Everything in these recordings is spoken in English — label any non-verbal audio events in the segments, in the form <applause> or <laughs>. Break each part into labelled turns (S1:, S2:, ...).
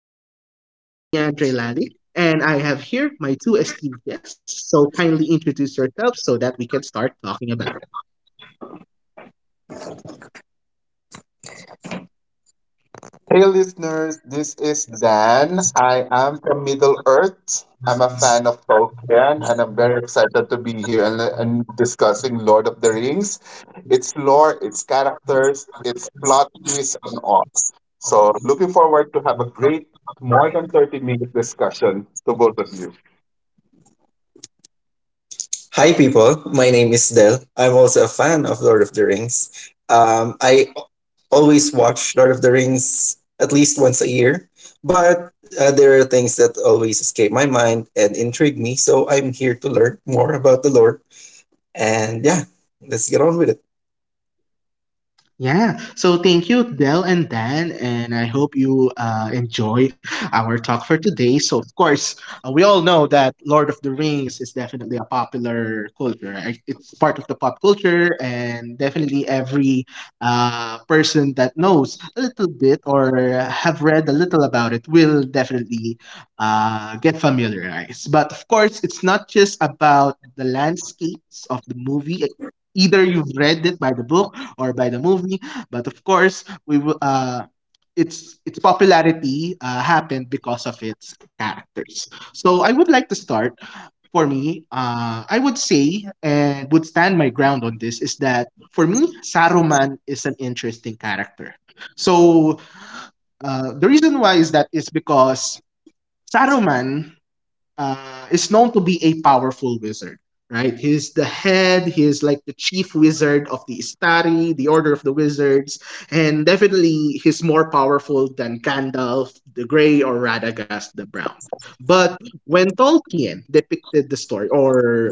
S1: I will be your host, Leandre Lalick, and I have here my two esteemed guests. So, kindly introduce yourselves so that we can start talking about.
S2: Hey listeners, this is Dan. I am from Middle Earth. I'm a fan of Tolkien and I'm very excited to be here and discussing Lord of the Rings. Its lore, its characters, its plot twists and all. So looking forward to have a great more than 30 minute discussion to both of you.
S3: Hi, people. My name is Del. I'm also a fan of Lord of the Rings. I always watch Lord of the Rings at least once a year, but there are things that always escape my mind and intrigue me. So I'm here to learn more about the lore. And yeah, let's get on with it.
S1: Yeah. So thank you, Del and Dan, and I hope you enjoy our talk for today. So of course, we all know that Lord of the Rings is definitely a popular culture, right? It's part of the pop culture, and definitely every person that knows a little bit or have read a little about it will definitely get familiarized. But of course, it's not just about the landscapes of the movie. Either you've read it by the book or by the movie. But of course, we will. Its popularity happened because of its characters. So I would like to start. For me, I would say and would stand my ground on this is that for me, Saruman is an interesting character. So the reason why is that is because Saruman is known to be a powerful wizard, right? He's the head, he's like the chief wizard of the Istari, the Order of the Wizards, and definitely he's more powerful than Gandalf the Grey or Radagast the Brown. But when Tolkien depicted the story, or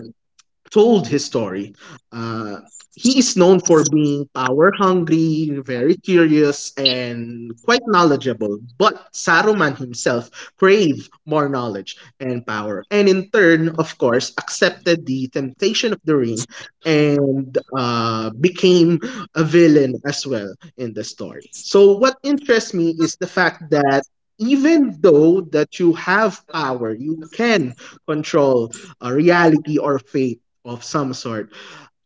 S1: told his story. Uh, he is known for being power hungry, very curious, and quite knowledgeable. But Saruman himself craved more knowledge and power, and in turn, of course, accepted the temptation of the ring and became a villain as well in the story. So, what interests me is the fact that even though that you have power you can control reality or fate of some sort.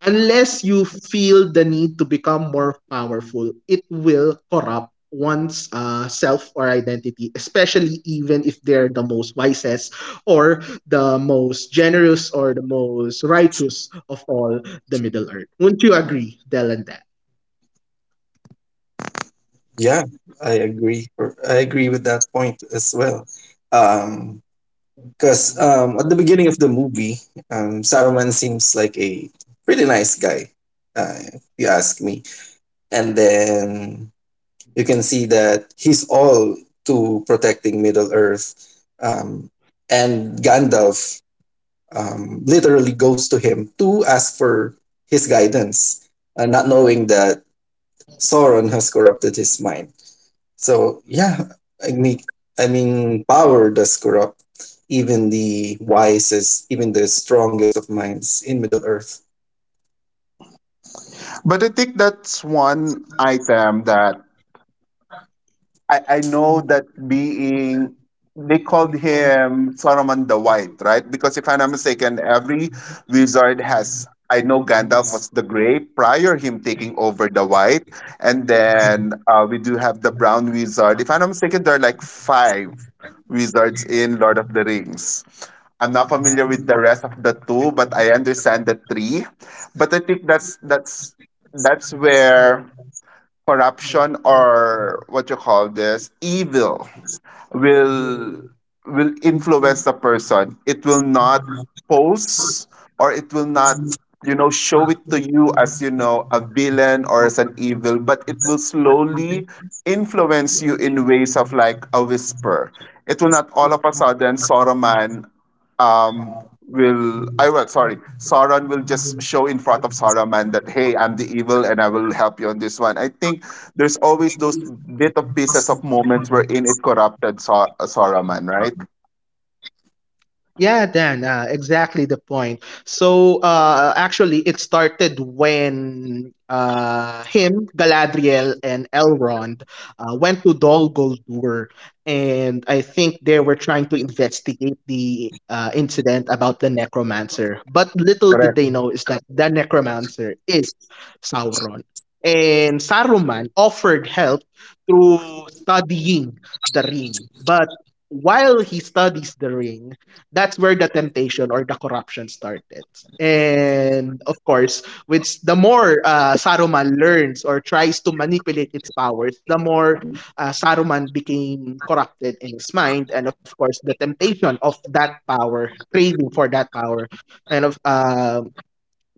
S1: Unless you feel the need to become more powerful, it will corrupt one's self or identity, especially even if they're the most wisest or the most generous or the most righteous of all the Middle Earth. Wouldn't you agree, Del and Dan?
S3: Yeah, I agree. I agree with that point as well. Um, Because at the beginning of the movie, Saruman seems like a pretty nice guy, if you ask me, and then you can see that he's all to protecting Middle Earth. Um, and Gandalf literally goes to him to ask for his guidance, not knowing that Sauron has corrupted his mind. So yeah, I mean, I mean, power does corrupt even the wisest, even the strongest of minds in Middle Earth.
S2: But I think that's one item that I know that being they called him Saruman the White, right? Because if I'm not mistaken, every wizard has, I know Gandalf was the Gray prior him taking over the White, and then we do have the Brown wizard. If I'm not mistaken, there are like five wizards in Lord of the Rings. I'm not familiar with the rest of the two, but I understand the three. But I think that's where corruption or what you call this evil will will influence the person. It will not pose, or it will not, you know, show it to you as, you know, a villain or as an evil, but it will slowly influence you in ways of like a whisper. It will not all of a sudden Saruman, um, will, I will, sorry, Sauron will just show in front of Saruman that, hey, I'm the evil and I will help you on this one. I think there's always those bit of pieces of moments wherein it corrupted Saruman, right?
S1: Yeah, Dan, exactly the point. Actually, it started when him, Galadriel, and Elrond went to Dol Guldur, and I think they were trying to investigate the incident about the necromancer. But little did they know is that the necromancer is Sauron. And Saruman offered help through studying the ring, but while he studies the ring, that's where the temptation or the corruption started. And of course, which the more Saruman learns or tries to manipulate its powers, the more Saruman became corrupted in his mind. And of course, the temptation of that power, craving for that power, and of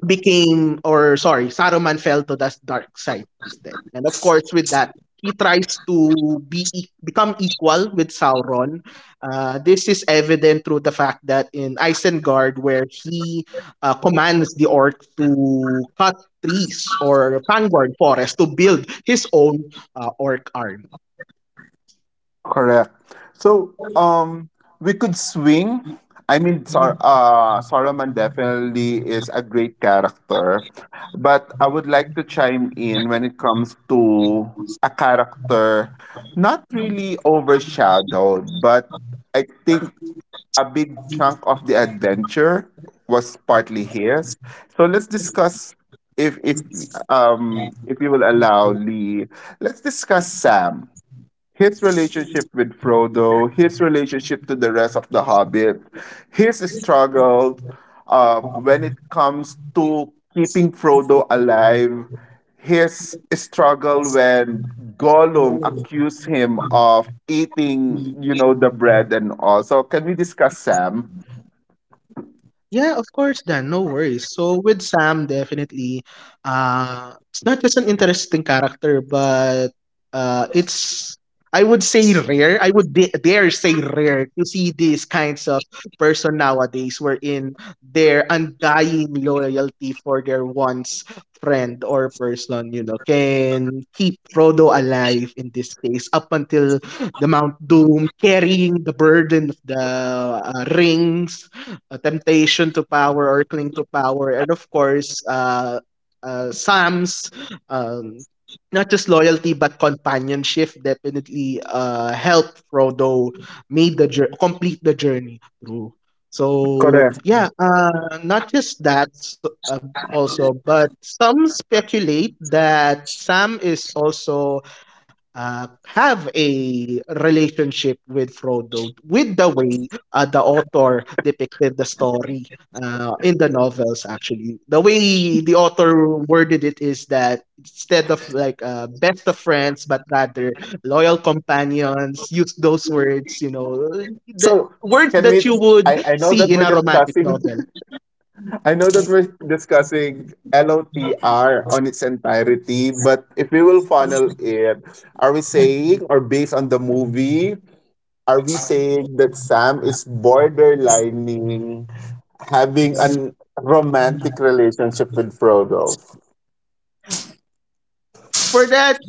S1: became or sorry, Saruman fell to the dark side instead. And of course with that he tries to become equal with Sauron. This is evident through the fact that in Isengard, where he commands the orcs to cut trees or Fangorn forest to build his own orc army.
S2: Correct. So, we could swing. I mean, Saruman definitely is a great character, but I would like to chime in when it comes to a character not really overshadowed, but I think a big chunk of the adventure was partly his. So let's discuss, if if you will allow, Lee, let's discuss Sam, his relationship with Frodo, his relationship to the rest of the Hobbit, his struggle when it comes to keeping Frodo alive, his struggle when Gollum accused him of eating, you know, the bread and all. So can we discuss Sam?
S1: Yeah, of course, Dan. No worries. So with Sam, definitely, it's not just an interesting character, but it's I would say rare. I would dare say rare to see these kinds of person nowadays, wherein their undying loyalty for their once friend or person, you know, can keep Frodo alive in this case up until the Mount Doom, carrying the burden of the rings, a temptation to power or cling to power, and of course, Sam's um, not just loyalty but companionship definitely helped Frodo complete the journey through. So
S2: Correct.
S1: yeah, not just that also, but some speculate that Sam is also have a relationship with Frodo with the way the author depicted the story in the novels. Actually, the way the author worded it is that instead of like best of friends, but rather loyal companions. Use those words, you know, the
S2: So
S1: words
S2: can
S1: that
S2: we?
S1: you would
S2: I know that
S1: see in
S2: we're
S1: a romantic
S2: discussing.
S1: novel.
S2: <laughs> I know that we're discussing LOTR on its entirety, but if we will funnel it, are we saying, or based on the movie, are we saying that Sam is borderlining having an romantic relationship with Frodo?
S1: For that,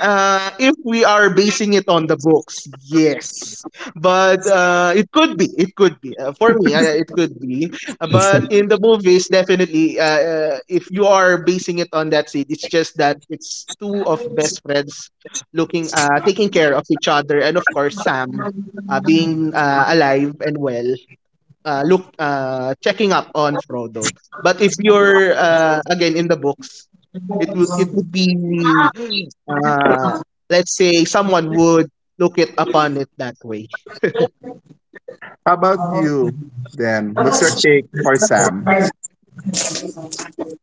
S1: if we are basing it on the books, yes. But it could be, it could be. For me, it could be. But in the movies, definitely, if you are basing it on that seed, it's just that it's two of best friends taking care of each other, and of course, Sam being alive and well look checking up on Frodo. But if you're again in the books, it would be uh, let's say someone would look it upon it that way.
S2: How about you, Dan? What's your take for Sam?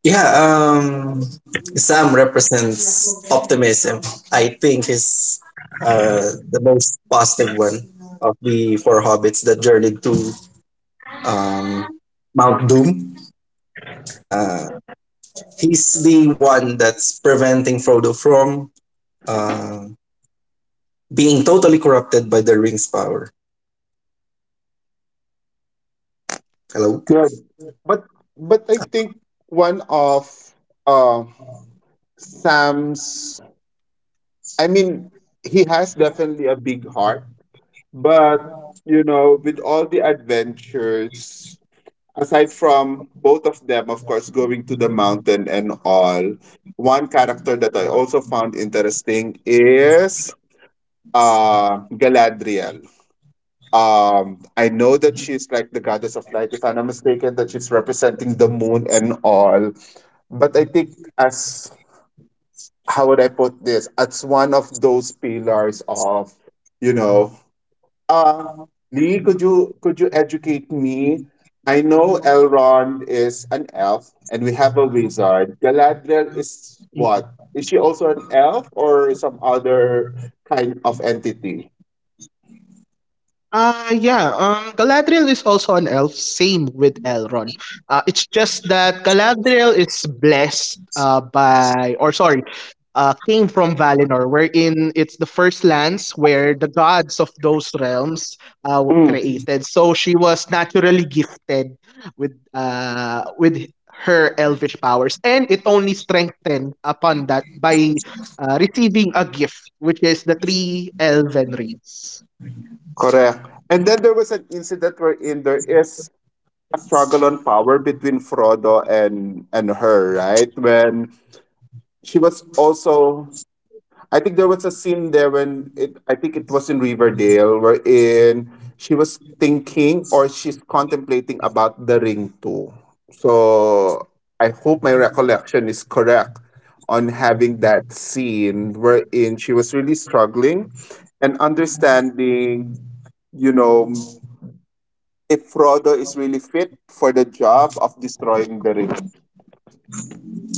S3: yeah um Sam represents optimism. I think is the most positive one of the four hobbits that journeyed to um Mount Doom. uh he's the one that's preventing Frodo from uh, being totally corrupted by the ring's power. Hello?
S2: Good, but but I think one of uh Sam's, I mean, he has definitely a big heart, but you know, with all the adventures, aside from both of them, of course, going to the mountain and all, one character that I also found interesting is Galadriel. I know that she's like the goddess of light, if I'm not mistaken, that she's representing the moon and all. But I think as, how would I put this? It's one of those pillars of, you know, uh, Lee, could you educate me? I know Elrond is an elf, and we have a wizard. Galadriel is what? Is she also an elf or some other kind of entity?
S1: Yeah, Galadriel is also an elf, same with Elrond. It's just that Galadriel is blessed by or sorry, came from Valinor wherein it's the first lands where the gods of those realms were
S2: Hmm.
S1: created. So she was naturally gifted with her elvish powers and it only strengthened upon that by receiving a gift which is the three elven rings.
S2: Correct. And then there was an incident wherein there is a struggle on power between Frodo and her, right? When she was also, I think there was a scene there when it, I think it was in Riverdale wherein she was thinking, or she's contemplating about the ring too. So I hope my recollection is correct on having that scene wherein she was really struggling and understanding, you know, if Frodo is really fit for the job of destroying the ring.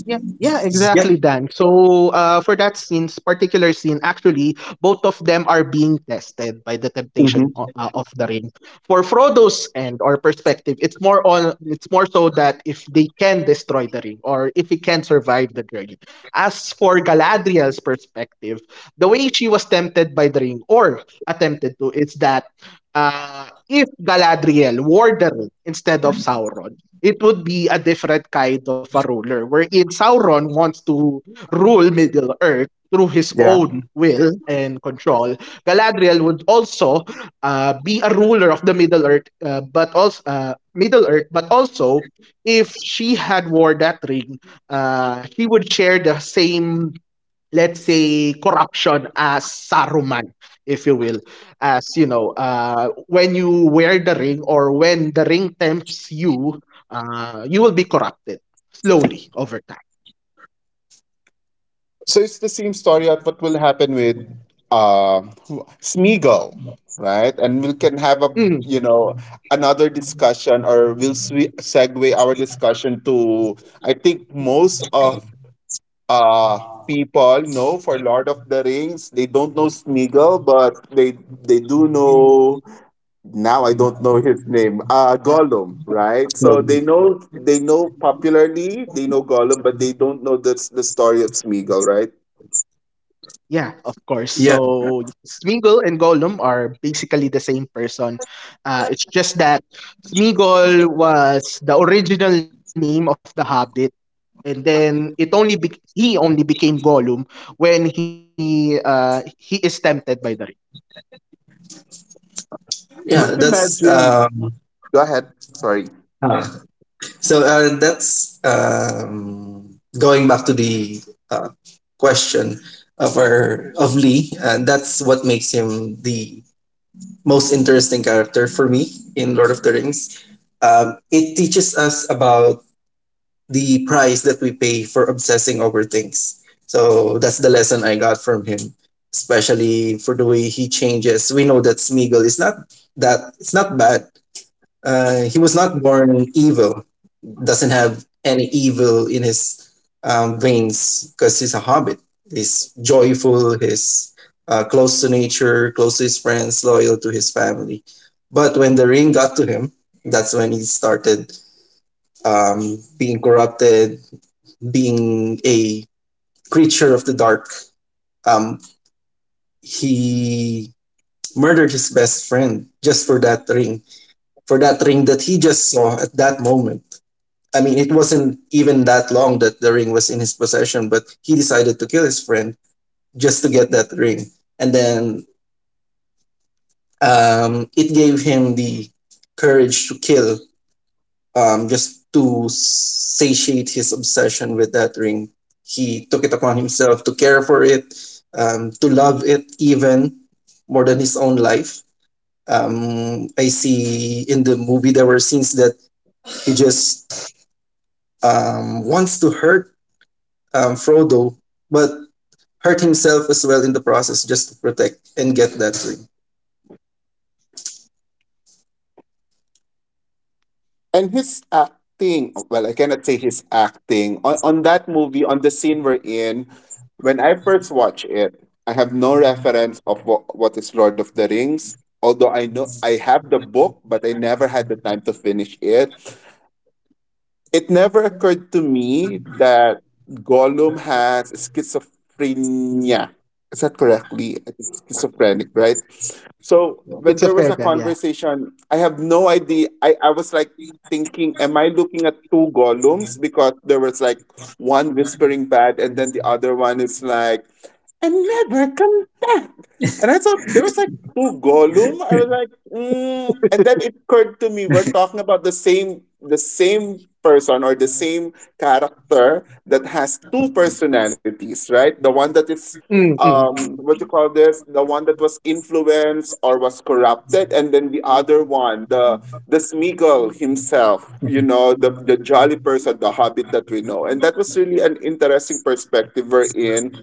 S1: Yeah, yeah, exactly,
S3: Yeah.
S1: Dan. So, for that scene, particular scene, actually, both of them are being tested by the
S2: Hmm.
S1: temptation of the ring. For Frodo's end or perspective, it's more on, it's more so that if they can destroy the ring or if he can survive the journey. As for Galadriel's perspective, the way she was tempted by the ring or attempted to is that. If Galadriel wore the ring instead of Sauron, it would be a different kind of a ruler, wherein Sauron wants to rule Middle Earth through his
S2: Yeah.
S1: own will and control. Galadriel would also be a ruler of the Middle Earth, but also Middle Earth, but also if she had wore that ring, she would share the same let's say corruption as Saruman, if you will, as you know, when you wear the ring or when the ring tempts you, you will be corrupted slowly over time.
S2: So it's the same story of what will happen with uh, Smeagol, right? And we can have a,
S1: Mm,
S2: you know, another discussion, or we'll segue our discussion to, I think most of uh people know for Lord of the Rings they don't know Smeagol, but they do know, now I don't know his name. Uh, Gollum, right? So
S3: Well,
S2: they know, they know popularly, they know Gollum, but they don't know the story of Smeagol, right?
S1: yeah, of course.
S3: yeah.
S1: So Smeagol and Gollum are basically the same person. It's just that Smeagol was the original name of the Hobbit. And then he only became Gollum when he is tempted by the.
S3: yeah
S2: But
S3: that's
S2: imagine, go ahead, sorry.
S3: uh, So that's going back to the uh, question of our of Lee. That's what makes him the most interesting character for me in Lord of the Rings. It teaches us about the price that we pay for obsessing over things. So that's the lesson I got from him, especially for the way he changes. We know that Smeagol is not, that it's not bad. He was not born evil, doesn't have any evil in his veins, because he's a hobbit. He's joyful, he's close to nature, close to his friends, loyal to his family. But when the ring got to him, that's when he started being corrupted, being a creature of the dark. Um, he murdered his best friend just for that ring that he just saw at that moment. I mean, it wasn't even that long that the ring was in his possession, but he decided to kill his friend just to get that ring. And then it gave him the courage to kill, just to satiate his obsession with that ring. He took it upon himself to care for it, to love it even more than his own life. I see in the movie there were scenes that he just wants to hurt Frodo, but hurt himself as well in the process just to protect and get that ring.
S2: And his acting, well, I cannot say his acting. On that movie, on the scene we're in, when I first watch it, I have no reference of what is Lord of the Rings. Although I know I have the book, but I never had the time to finish it. It never occurred to me that Gollum has schizophrenia. Is that correctly? I think schizophrenic, right? So when there was
S1: Schizophrenia,
S2: a
S1: yeah.
S2: conversation, I have no idea. I was like thinking, am I looking at two Gollums? Because there was like one whispering bad, and then the other one is like, and never come back. And I thought there was like to Gollum, I was like, mm, and then it occurred to me we're talking about the same person or the same character that has two personalities, right? The one that is,
S1: Mm, mm,
S2: what you call this, the one that was influenced or was corrupted, and then the other one, the Smeagol himself, you know, the jolly person, the hobbit that we know. And that was really an interesting perspective we're in,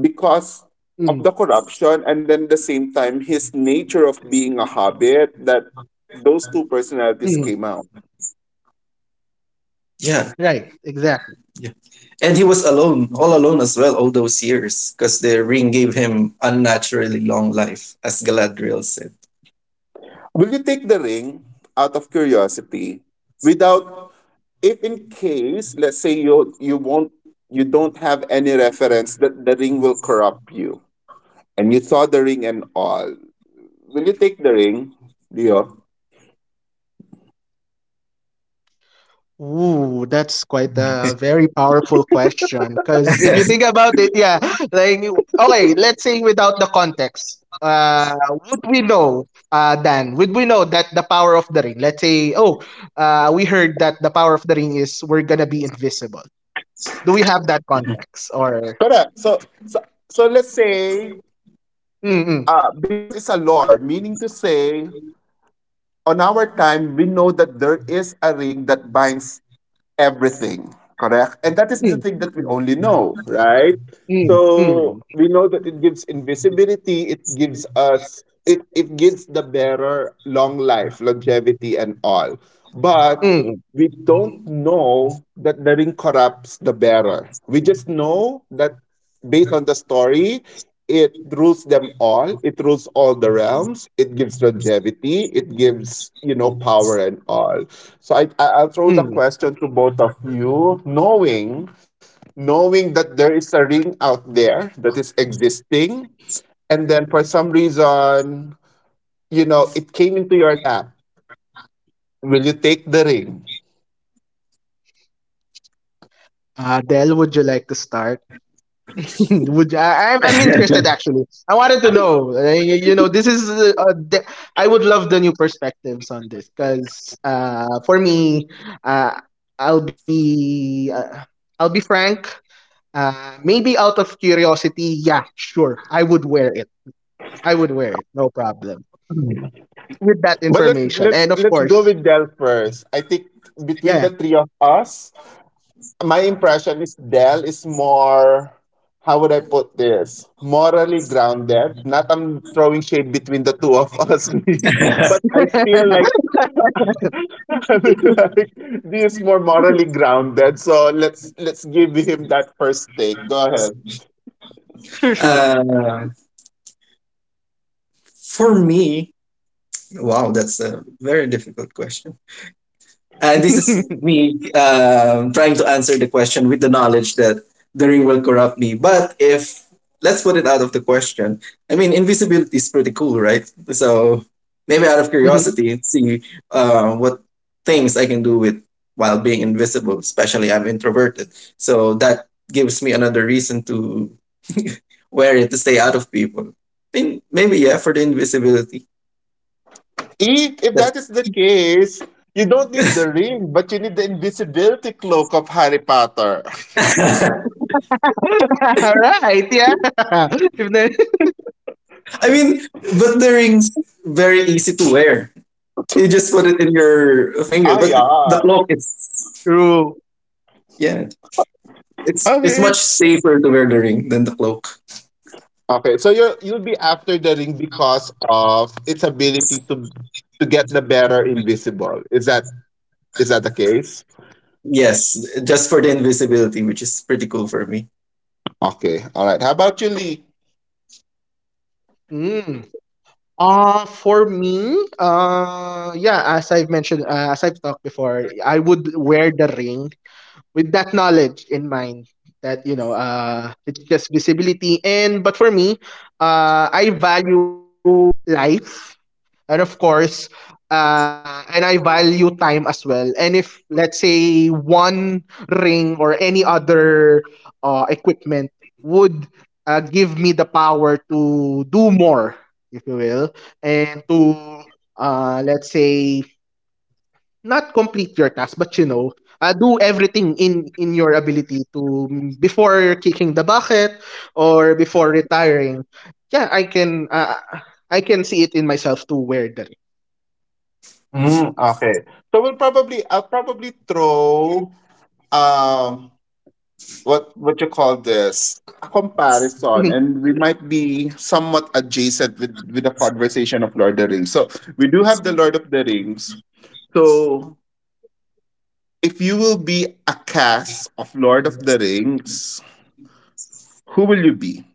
S2: because
S1: mm,
S2: of the corruption and then the same time his nature of being a hobbit that those
S1: mm.
S2: two personalities came out.
S1: Right,
S3: Yeah,
S1: exactly.
S3: yeah. And he was alone, all alone as well, all those years, because the ring gave him unnaturally long life, as Galadriel said.
S2: Will you take the ring out of curiosity without, if in case, let's say, you won't, you don't have any reference that the ring will corrupt you and you saw the ring and all. Will you take the ring, Leo?
S1: Ooh, that's quite a very powerful question. Because if you think about it, yeah, <laughs> like, okay, let's say without the context, would we know, Dan, would we know that the power of the ring, let's say, oh, we heard that the power of the ring is we're going to be invisible. Do we have that context? Or,
S2: Correct. So so let's say,
S1: mm, mm,
S2: because it's a lore, meaning to say, on our time, we know that there is a ring that binds everything, correct? And that is the
S1: mm,
S2: thing that we
S1: mm,
S2: only know, right?
S1: mm,
S2: So
S1: mm,
S2: we know that it gives invisibility, it gives us, it gives the bearer long life, longevity and all. But
S1: mm.
S2: we don't know that the ring corrupts the bearer. We just know that based on the story, it rules them all. It rules all the realms. It gives longevity. It gives, you know, power and all. So I I'll throw
S1: mm.
S2: the question to both of you, knowing knowing that there is a ring out there that is existing, and then for some reason, you know, it came into your lap. Will you take the ring?
S1: Adele, would you like to start? <laughs> Would you, I'm interested actually. I wanted to know. You, you know, this is. I would love the new perspectives on this because for me, uh, I'll be uh, I'll be frank. Maybe out of curiosity, yeah, sure, I would wear it. I would wear it, no problem. With that
S2: But let's
S1: information, and
S2: let's
S1: of
S2: let's
S1: course,
S2: go with Del first. I think
S1: yeah,
S2: between the three of us, my impression is Dell is more, how would I put this? Morally grounded. Not, I'm throwing shade between the two of us, <laughs> Lee, but
S3: <laughs>
S2: I feel like <laughs> I mean, like, this is more morally grounded. So let's give him that first take. Go ahead.
S1: sure, sure.
S3: uh, for me, wow, that's a very difficult question. And this is
S1: <laughs>
S3: me trying to answer the question with the knowledge that the ring will corrupt me. But if let's put it out of the question, I mean, invisibility is pretty cool, right? So maybe out of
S1: Mhm.
S3: curiosity, see what things I can do with while being invisible. Especially I'm introverted, so that gives me another reason to wear it to stay out of people. I mean, maybe yeah, for the invisibility.
S2: Eek, if
S3: That's,
S2: that is the case, you don't need the ring, but you need the invisibility cloak of Harry Potter. <laughs>
S1: <laughs> All right, yeah. <laughs> If the-
S3: I mean, but the ring's very easy to wear. You just put it in your finger.
S2: Ah
S3: But the
S2: yeah.
S3: cloak, is,
S1: True.
S3: yeah, it's
S2: Okay.
S3: much safer to wear the ring than the cloak.
S2: Okay, so you will, you'll be after the ring because of its ability to get the better invisible. Is that, is that the case?
S3: Yes, just for the invisibility, which is pretty cool for me.
S2: Okay, all right. How about you, Lee?
S1: Mm. For me, yeah, as I've mentioned, as I've talked before, I would wear the ring with that knowledge in mind that, you know, it's just visibility. And, but for me, I value life and of course, and I value time as well. And if, let's say, one ring or any other equipment would give me the power to do more, if you will, and to, let's say, not complete your task, but you know, do everything in your ability to, before kicking the bucket or before retiring, yeah, I can see it in myself to wear the
S2: Mm, okay, so we'll probably, I'll probably throw um what you call this, a comparison,
S1: ring. <laughs>
S2: and we might be somewhat adjacent with the conversation of Lord of the Rings. So we do have the Lord of the Rings. So if you will be a cast of Lord of the Rings, who will you be?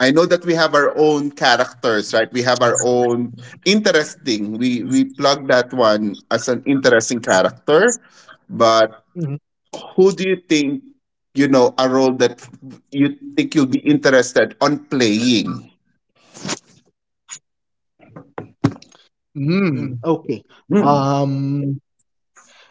S2: I know that we have our own characters, right? We have our own interesting, we plug that one as an interesting character, but
S1: Mhm.
S2: who do you think, you know, a role that you think you'll be interested on playing?
S1: Mm,
S3: Hmm.
S1: okay. Um,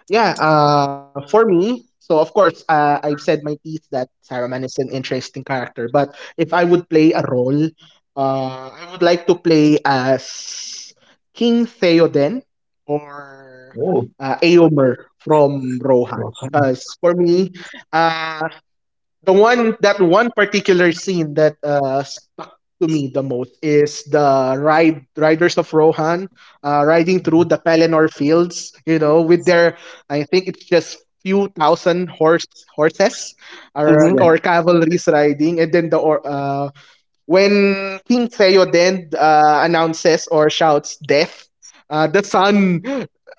S1: yeah, for me, so of course, I've said my piece that Saruman is an interesting character, but if I would play a role, I would like to play as King Theoden or
S3: Oh,
S1: Aomer from Rohan. Because for me, uh. the one particular scene that stuck to me the most is the riders of Rohan riding through the Pelennor fields, you know, with their I think it's just few thousand horses
S3: yeah,
S2: Mm-hmm.
S1: or cavalries riding, and then when King Theoden announces or shouts death, uh, the sun,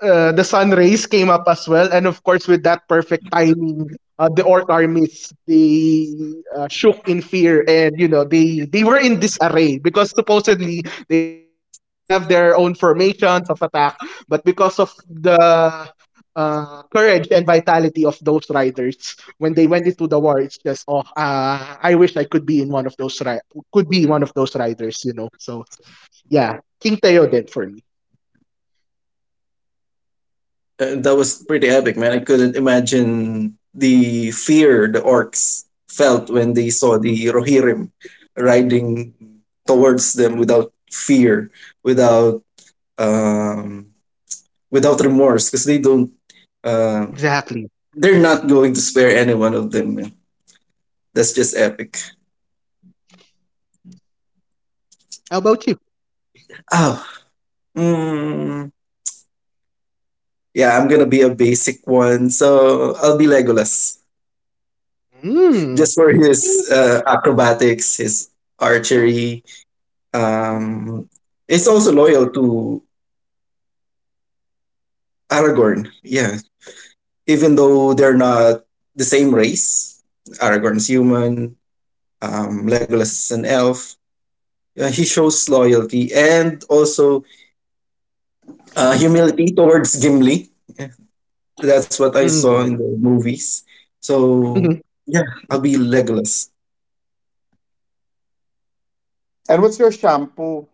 S1: uh, the sun rays came up as well, and of course with that perfect timing, the orc armies they shook in fear, and you know they were in disarray because supposedly they have their own formations of attack, but because of the courage and vitality of those riders when they went into the war, it's just oh, I wish I could be in one of those could be one of those writers, you know. So yeah, King Teo then for me.
S3: that was pretty epic, man. I couldn't imagine the fear the orcs felt when they saw the Rohirrim riding towards them without fear, without um, without remorse, because they don't uh,
S1: Exactly.
S3: they're not going to spare any one of them, man. That's just epic.
S1: How about you?
S3: Oh, mm, yeah, I'm gonna be a basic one, so I'll be Legolas
S1: Mm.
S3: just for his acrobatics, his archery. Um, it's also loyal to Aragorn. Yeah, even though they're not the same race, Aragorn's human. Legolas is an elf. He shows loyalty and also humility towards Gimli. Yeah. That's what I saw
S1: Mm.
S3: in the movies. So
S1: Mhm.
S3: yeah, I'll be Legolas.
S2: And what's your shampoo?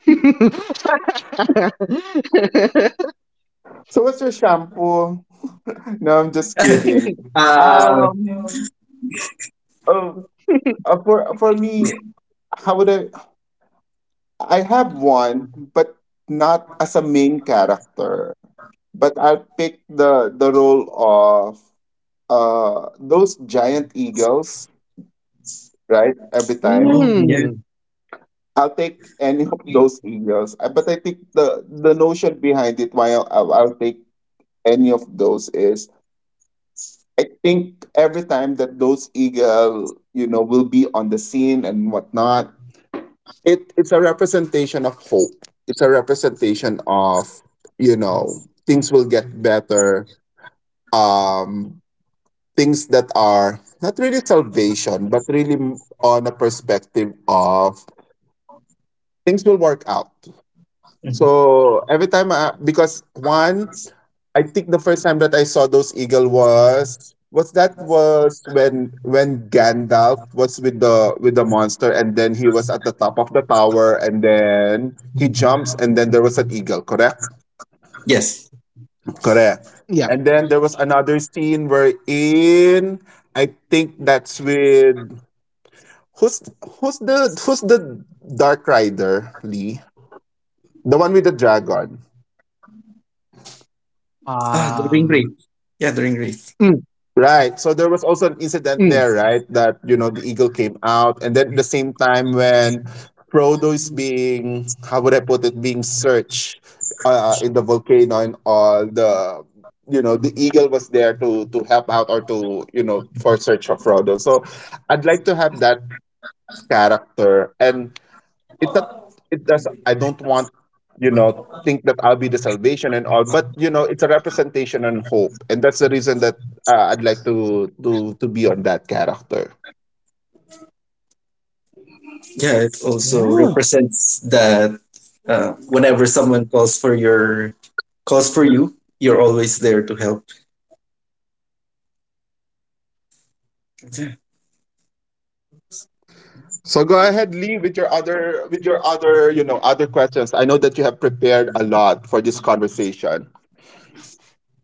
S1: <laughs>
S2: So what's your shampoo? <laughs> No, I'm just kidding.
S3: <laughs> uh,
S2: Um, oh, for me, how would I? I have one, but not as a main character. But I'll pick the role of those giant eagles, right? Every time.
S3: oh
S1: mm.
S3: yeah.
S2: I'll take any of those eagles. But I think the notion behind it why I'll take any of those is, I think every time that those eagle, you know, will be on the scene and whatnot, it it's a representation of hope. It's a representation of, you know, things will get better. Um, things that are not really salvation, but really on a perspective of things will work out. So every time, I, because one, I think the first time that I saw those eagle was that was when Gandalf was with the monster, and then he was at the top of the tower and then he jumps, and then there was an eagle, correct?
S3: Yes.
S2: Correct.
S1: Yep.
S2: And then there was another scene where in I think that's with, who's who's the Dark Rider, Lee? The one with the dragon.
S3: Ah, the ring
S1: Um,
S3: wraith. Yeah, the ring wraith.
S1: Mm.
S2: Right. So there was also an incident
S1: Mm.
S2: there, right? That, you know, the eagle came out. And then at the same time, when Frodo is being, how would I put it, being searched, in the volcano and all, the, you know, the eagle was there to help out, or to, you know, for search of Frodo. So I'd like to have that character. And it's not, it does, I don't want, you know, think that I'll be the salvation and all, but you know, it's a representation and hope. And that's the reason that, I'd like to be on that character.
S3: Yeah, it also
S1: yeah.
S3: represents that whenever someone calls for your, calls for you, you're always there to help.
S2: Yeah,
S3: Yeah.
S2: so go ahead, Lee, with your other, with your other, you know, other questions. I know that you have prepared a lot for this conversation.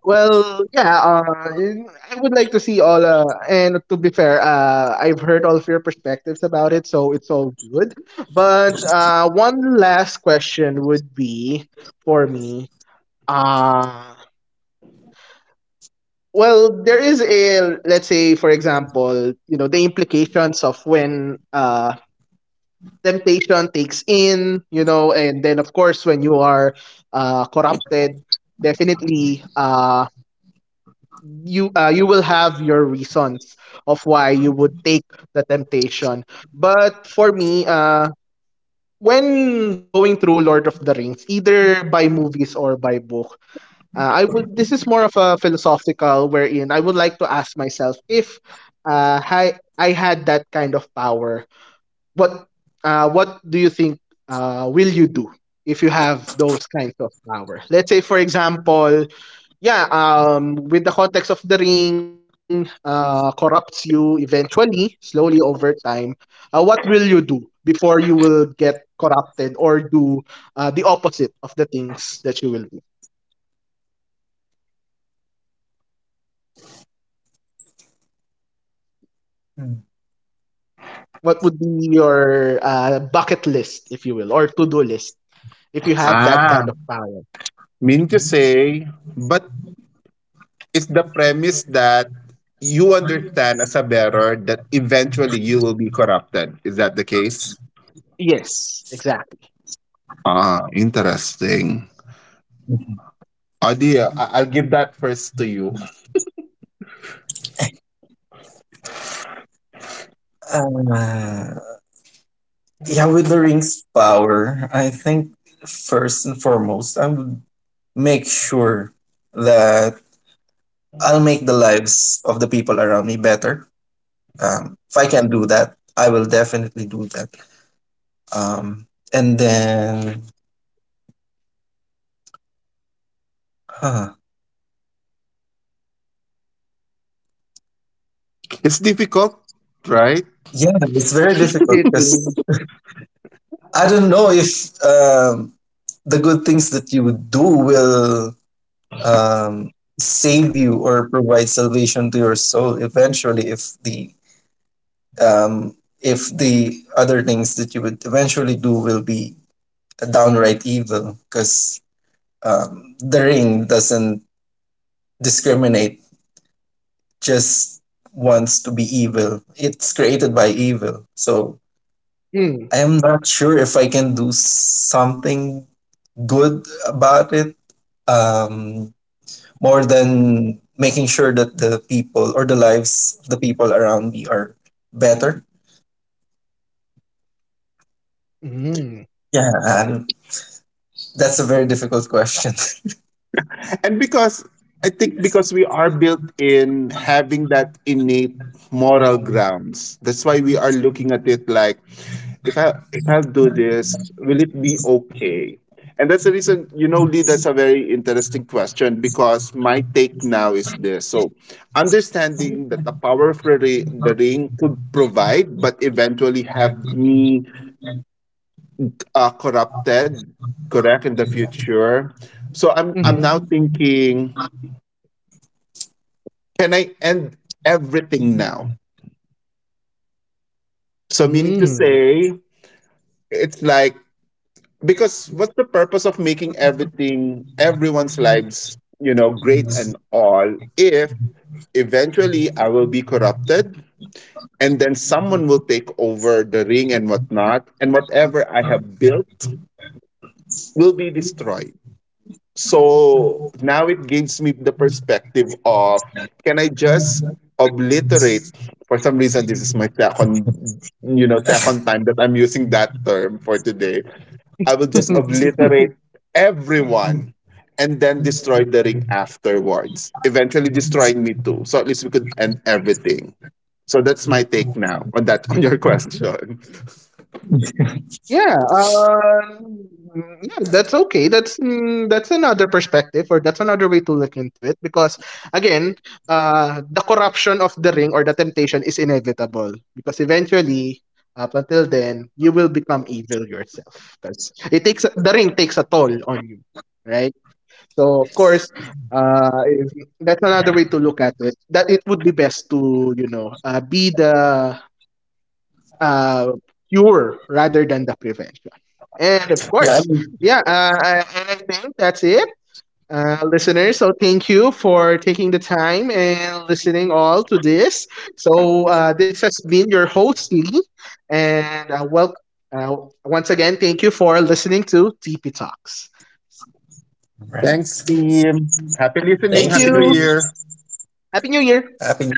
S1: Well, yeah, I would like to see all, and to be fair, I've heard all of your perspectives about it, so it's all good. But one last question would be for me. Uh, Well, there is a let's say, for example, you know the implications of when temptation takes in, you know, and then of course when you are corrupted, definitely you will have your reasons of why you would take the temptation. But for me, when going through Lord of the Rings, either by movies or by books. I would. This is more of a philosophical wherein I would like to ask myself if I had that kind of power, what what do you think will you do if you have those kinds of power? Let's say, for example, yeah, with the context of the ring, corrupts you eventually, slowly over time. What will you do before you will get corrupted or do the opposite of the things that you will? What would be your bucket list, if you will, or to do list, if you have that
S2: Ah,
S1: kind of power?
S2: mean to say, but it's the premise that you understand as a bearer that eventually you will be corrupted. Is that the case?
S1: Yes, exactly.
S2: Ah, interesting.
S3: Hmm.
S2: Adia, I- I'll give that first to you.
S3: Uh, yeah, with the ring's power, I think first and foremost, I would make sure that I'll make the lives of the people around me better. If I can do that, I will definitely do that. Um, and then, huh,
S2: It's difficult, right?
S3: yeah, it's very difficult
S1: It
S3: because
S1: is.
S3: I don't know if um, the good things that you do will um, save you or provide salvation to your soul eventually, um, if the other things that you would eventually do will be downright evil, because the ring doesn't discriminate, just wants to be evil. It's created by evil. So
S1: Mm.
S3: I am not sure if I can do something good about it, um, more than making sure that the people or the lives of the people around me are better.
S1: Mm.
S3: Yeah, and that's a very difficult question.
S2: And because I think because we are built in having that innate moral
S3: <laughs>
S2: grounds. That's why we are looking at it like, if I, if I do this, will it be okay? And that's the reason, you know, Lee, that's a very interesting question, because my take now is this. So understanding that the power of the the ring could provide, but eventually have me, corrupted, correct, in the future. So I'm now
S1: Mm-hmm.
S2: thinking, can I end everything now? So, meaning to
S1: Mm.
S2: say, it's like, because what's the purpose of making everything, everyone's lives, you know, great and all, if eventually I will be corrupted and then someone will take over the ring and whatnot, and whatever I have built will be destroyed? So now it gives me the perspective of, can I just obliterate, for some reason this is my second, you know, second time that I'm using that term for today. I will just
S1: <laughs>
S2: obliterate everyone and then destroy the ring afterwards, eventually destroying me too. So at least we could end everything. So that's my take now on that, on your question. <laughs>
S1: Yeah, yeah, that's okay. That's mm, that's another perspective, or that's another way to look into it. Because again, the corruption of the ring or the temptation is inevitable. Because eventually, up until then, you will become evil yourself. Because it takes the ring takes a toll on you, right? So of course, if, that's another way to look at it. That it would be best to you know be the uh, cure rather than the prevention. And of
S3: Yeah, I
S1: course,
S3: mean,
S1: yeah, and I think that's it, listeners. So thank you for taking the time and listening all to this. So this has been your host Lee, and well, uh, once again, thank you for listening to TP Talks.
S3: right.
S2: Thanks, team. Happy
S3: Thank
S2: listening.
S3: you.
S1: Thank
S2: Happy New
S1: you.
S2: Year.
S1: Happy New
S3: Happy New
S1: Year.
S3: Year.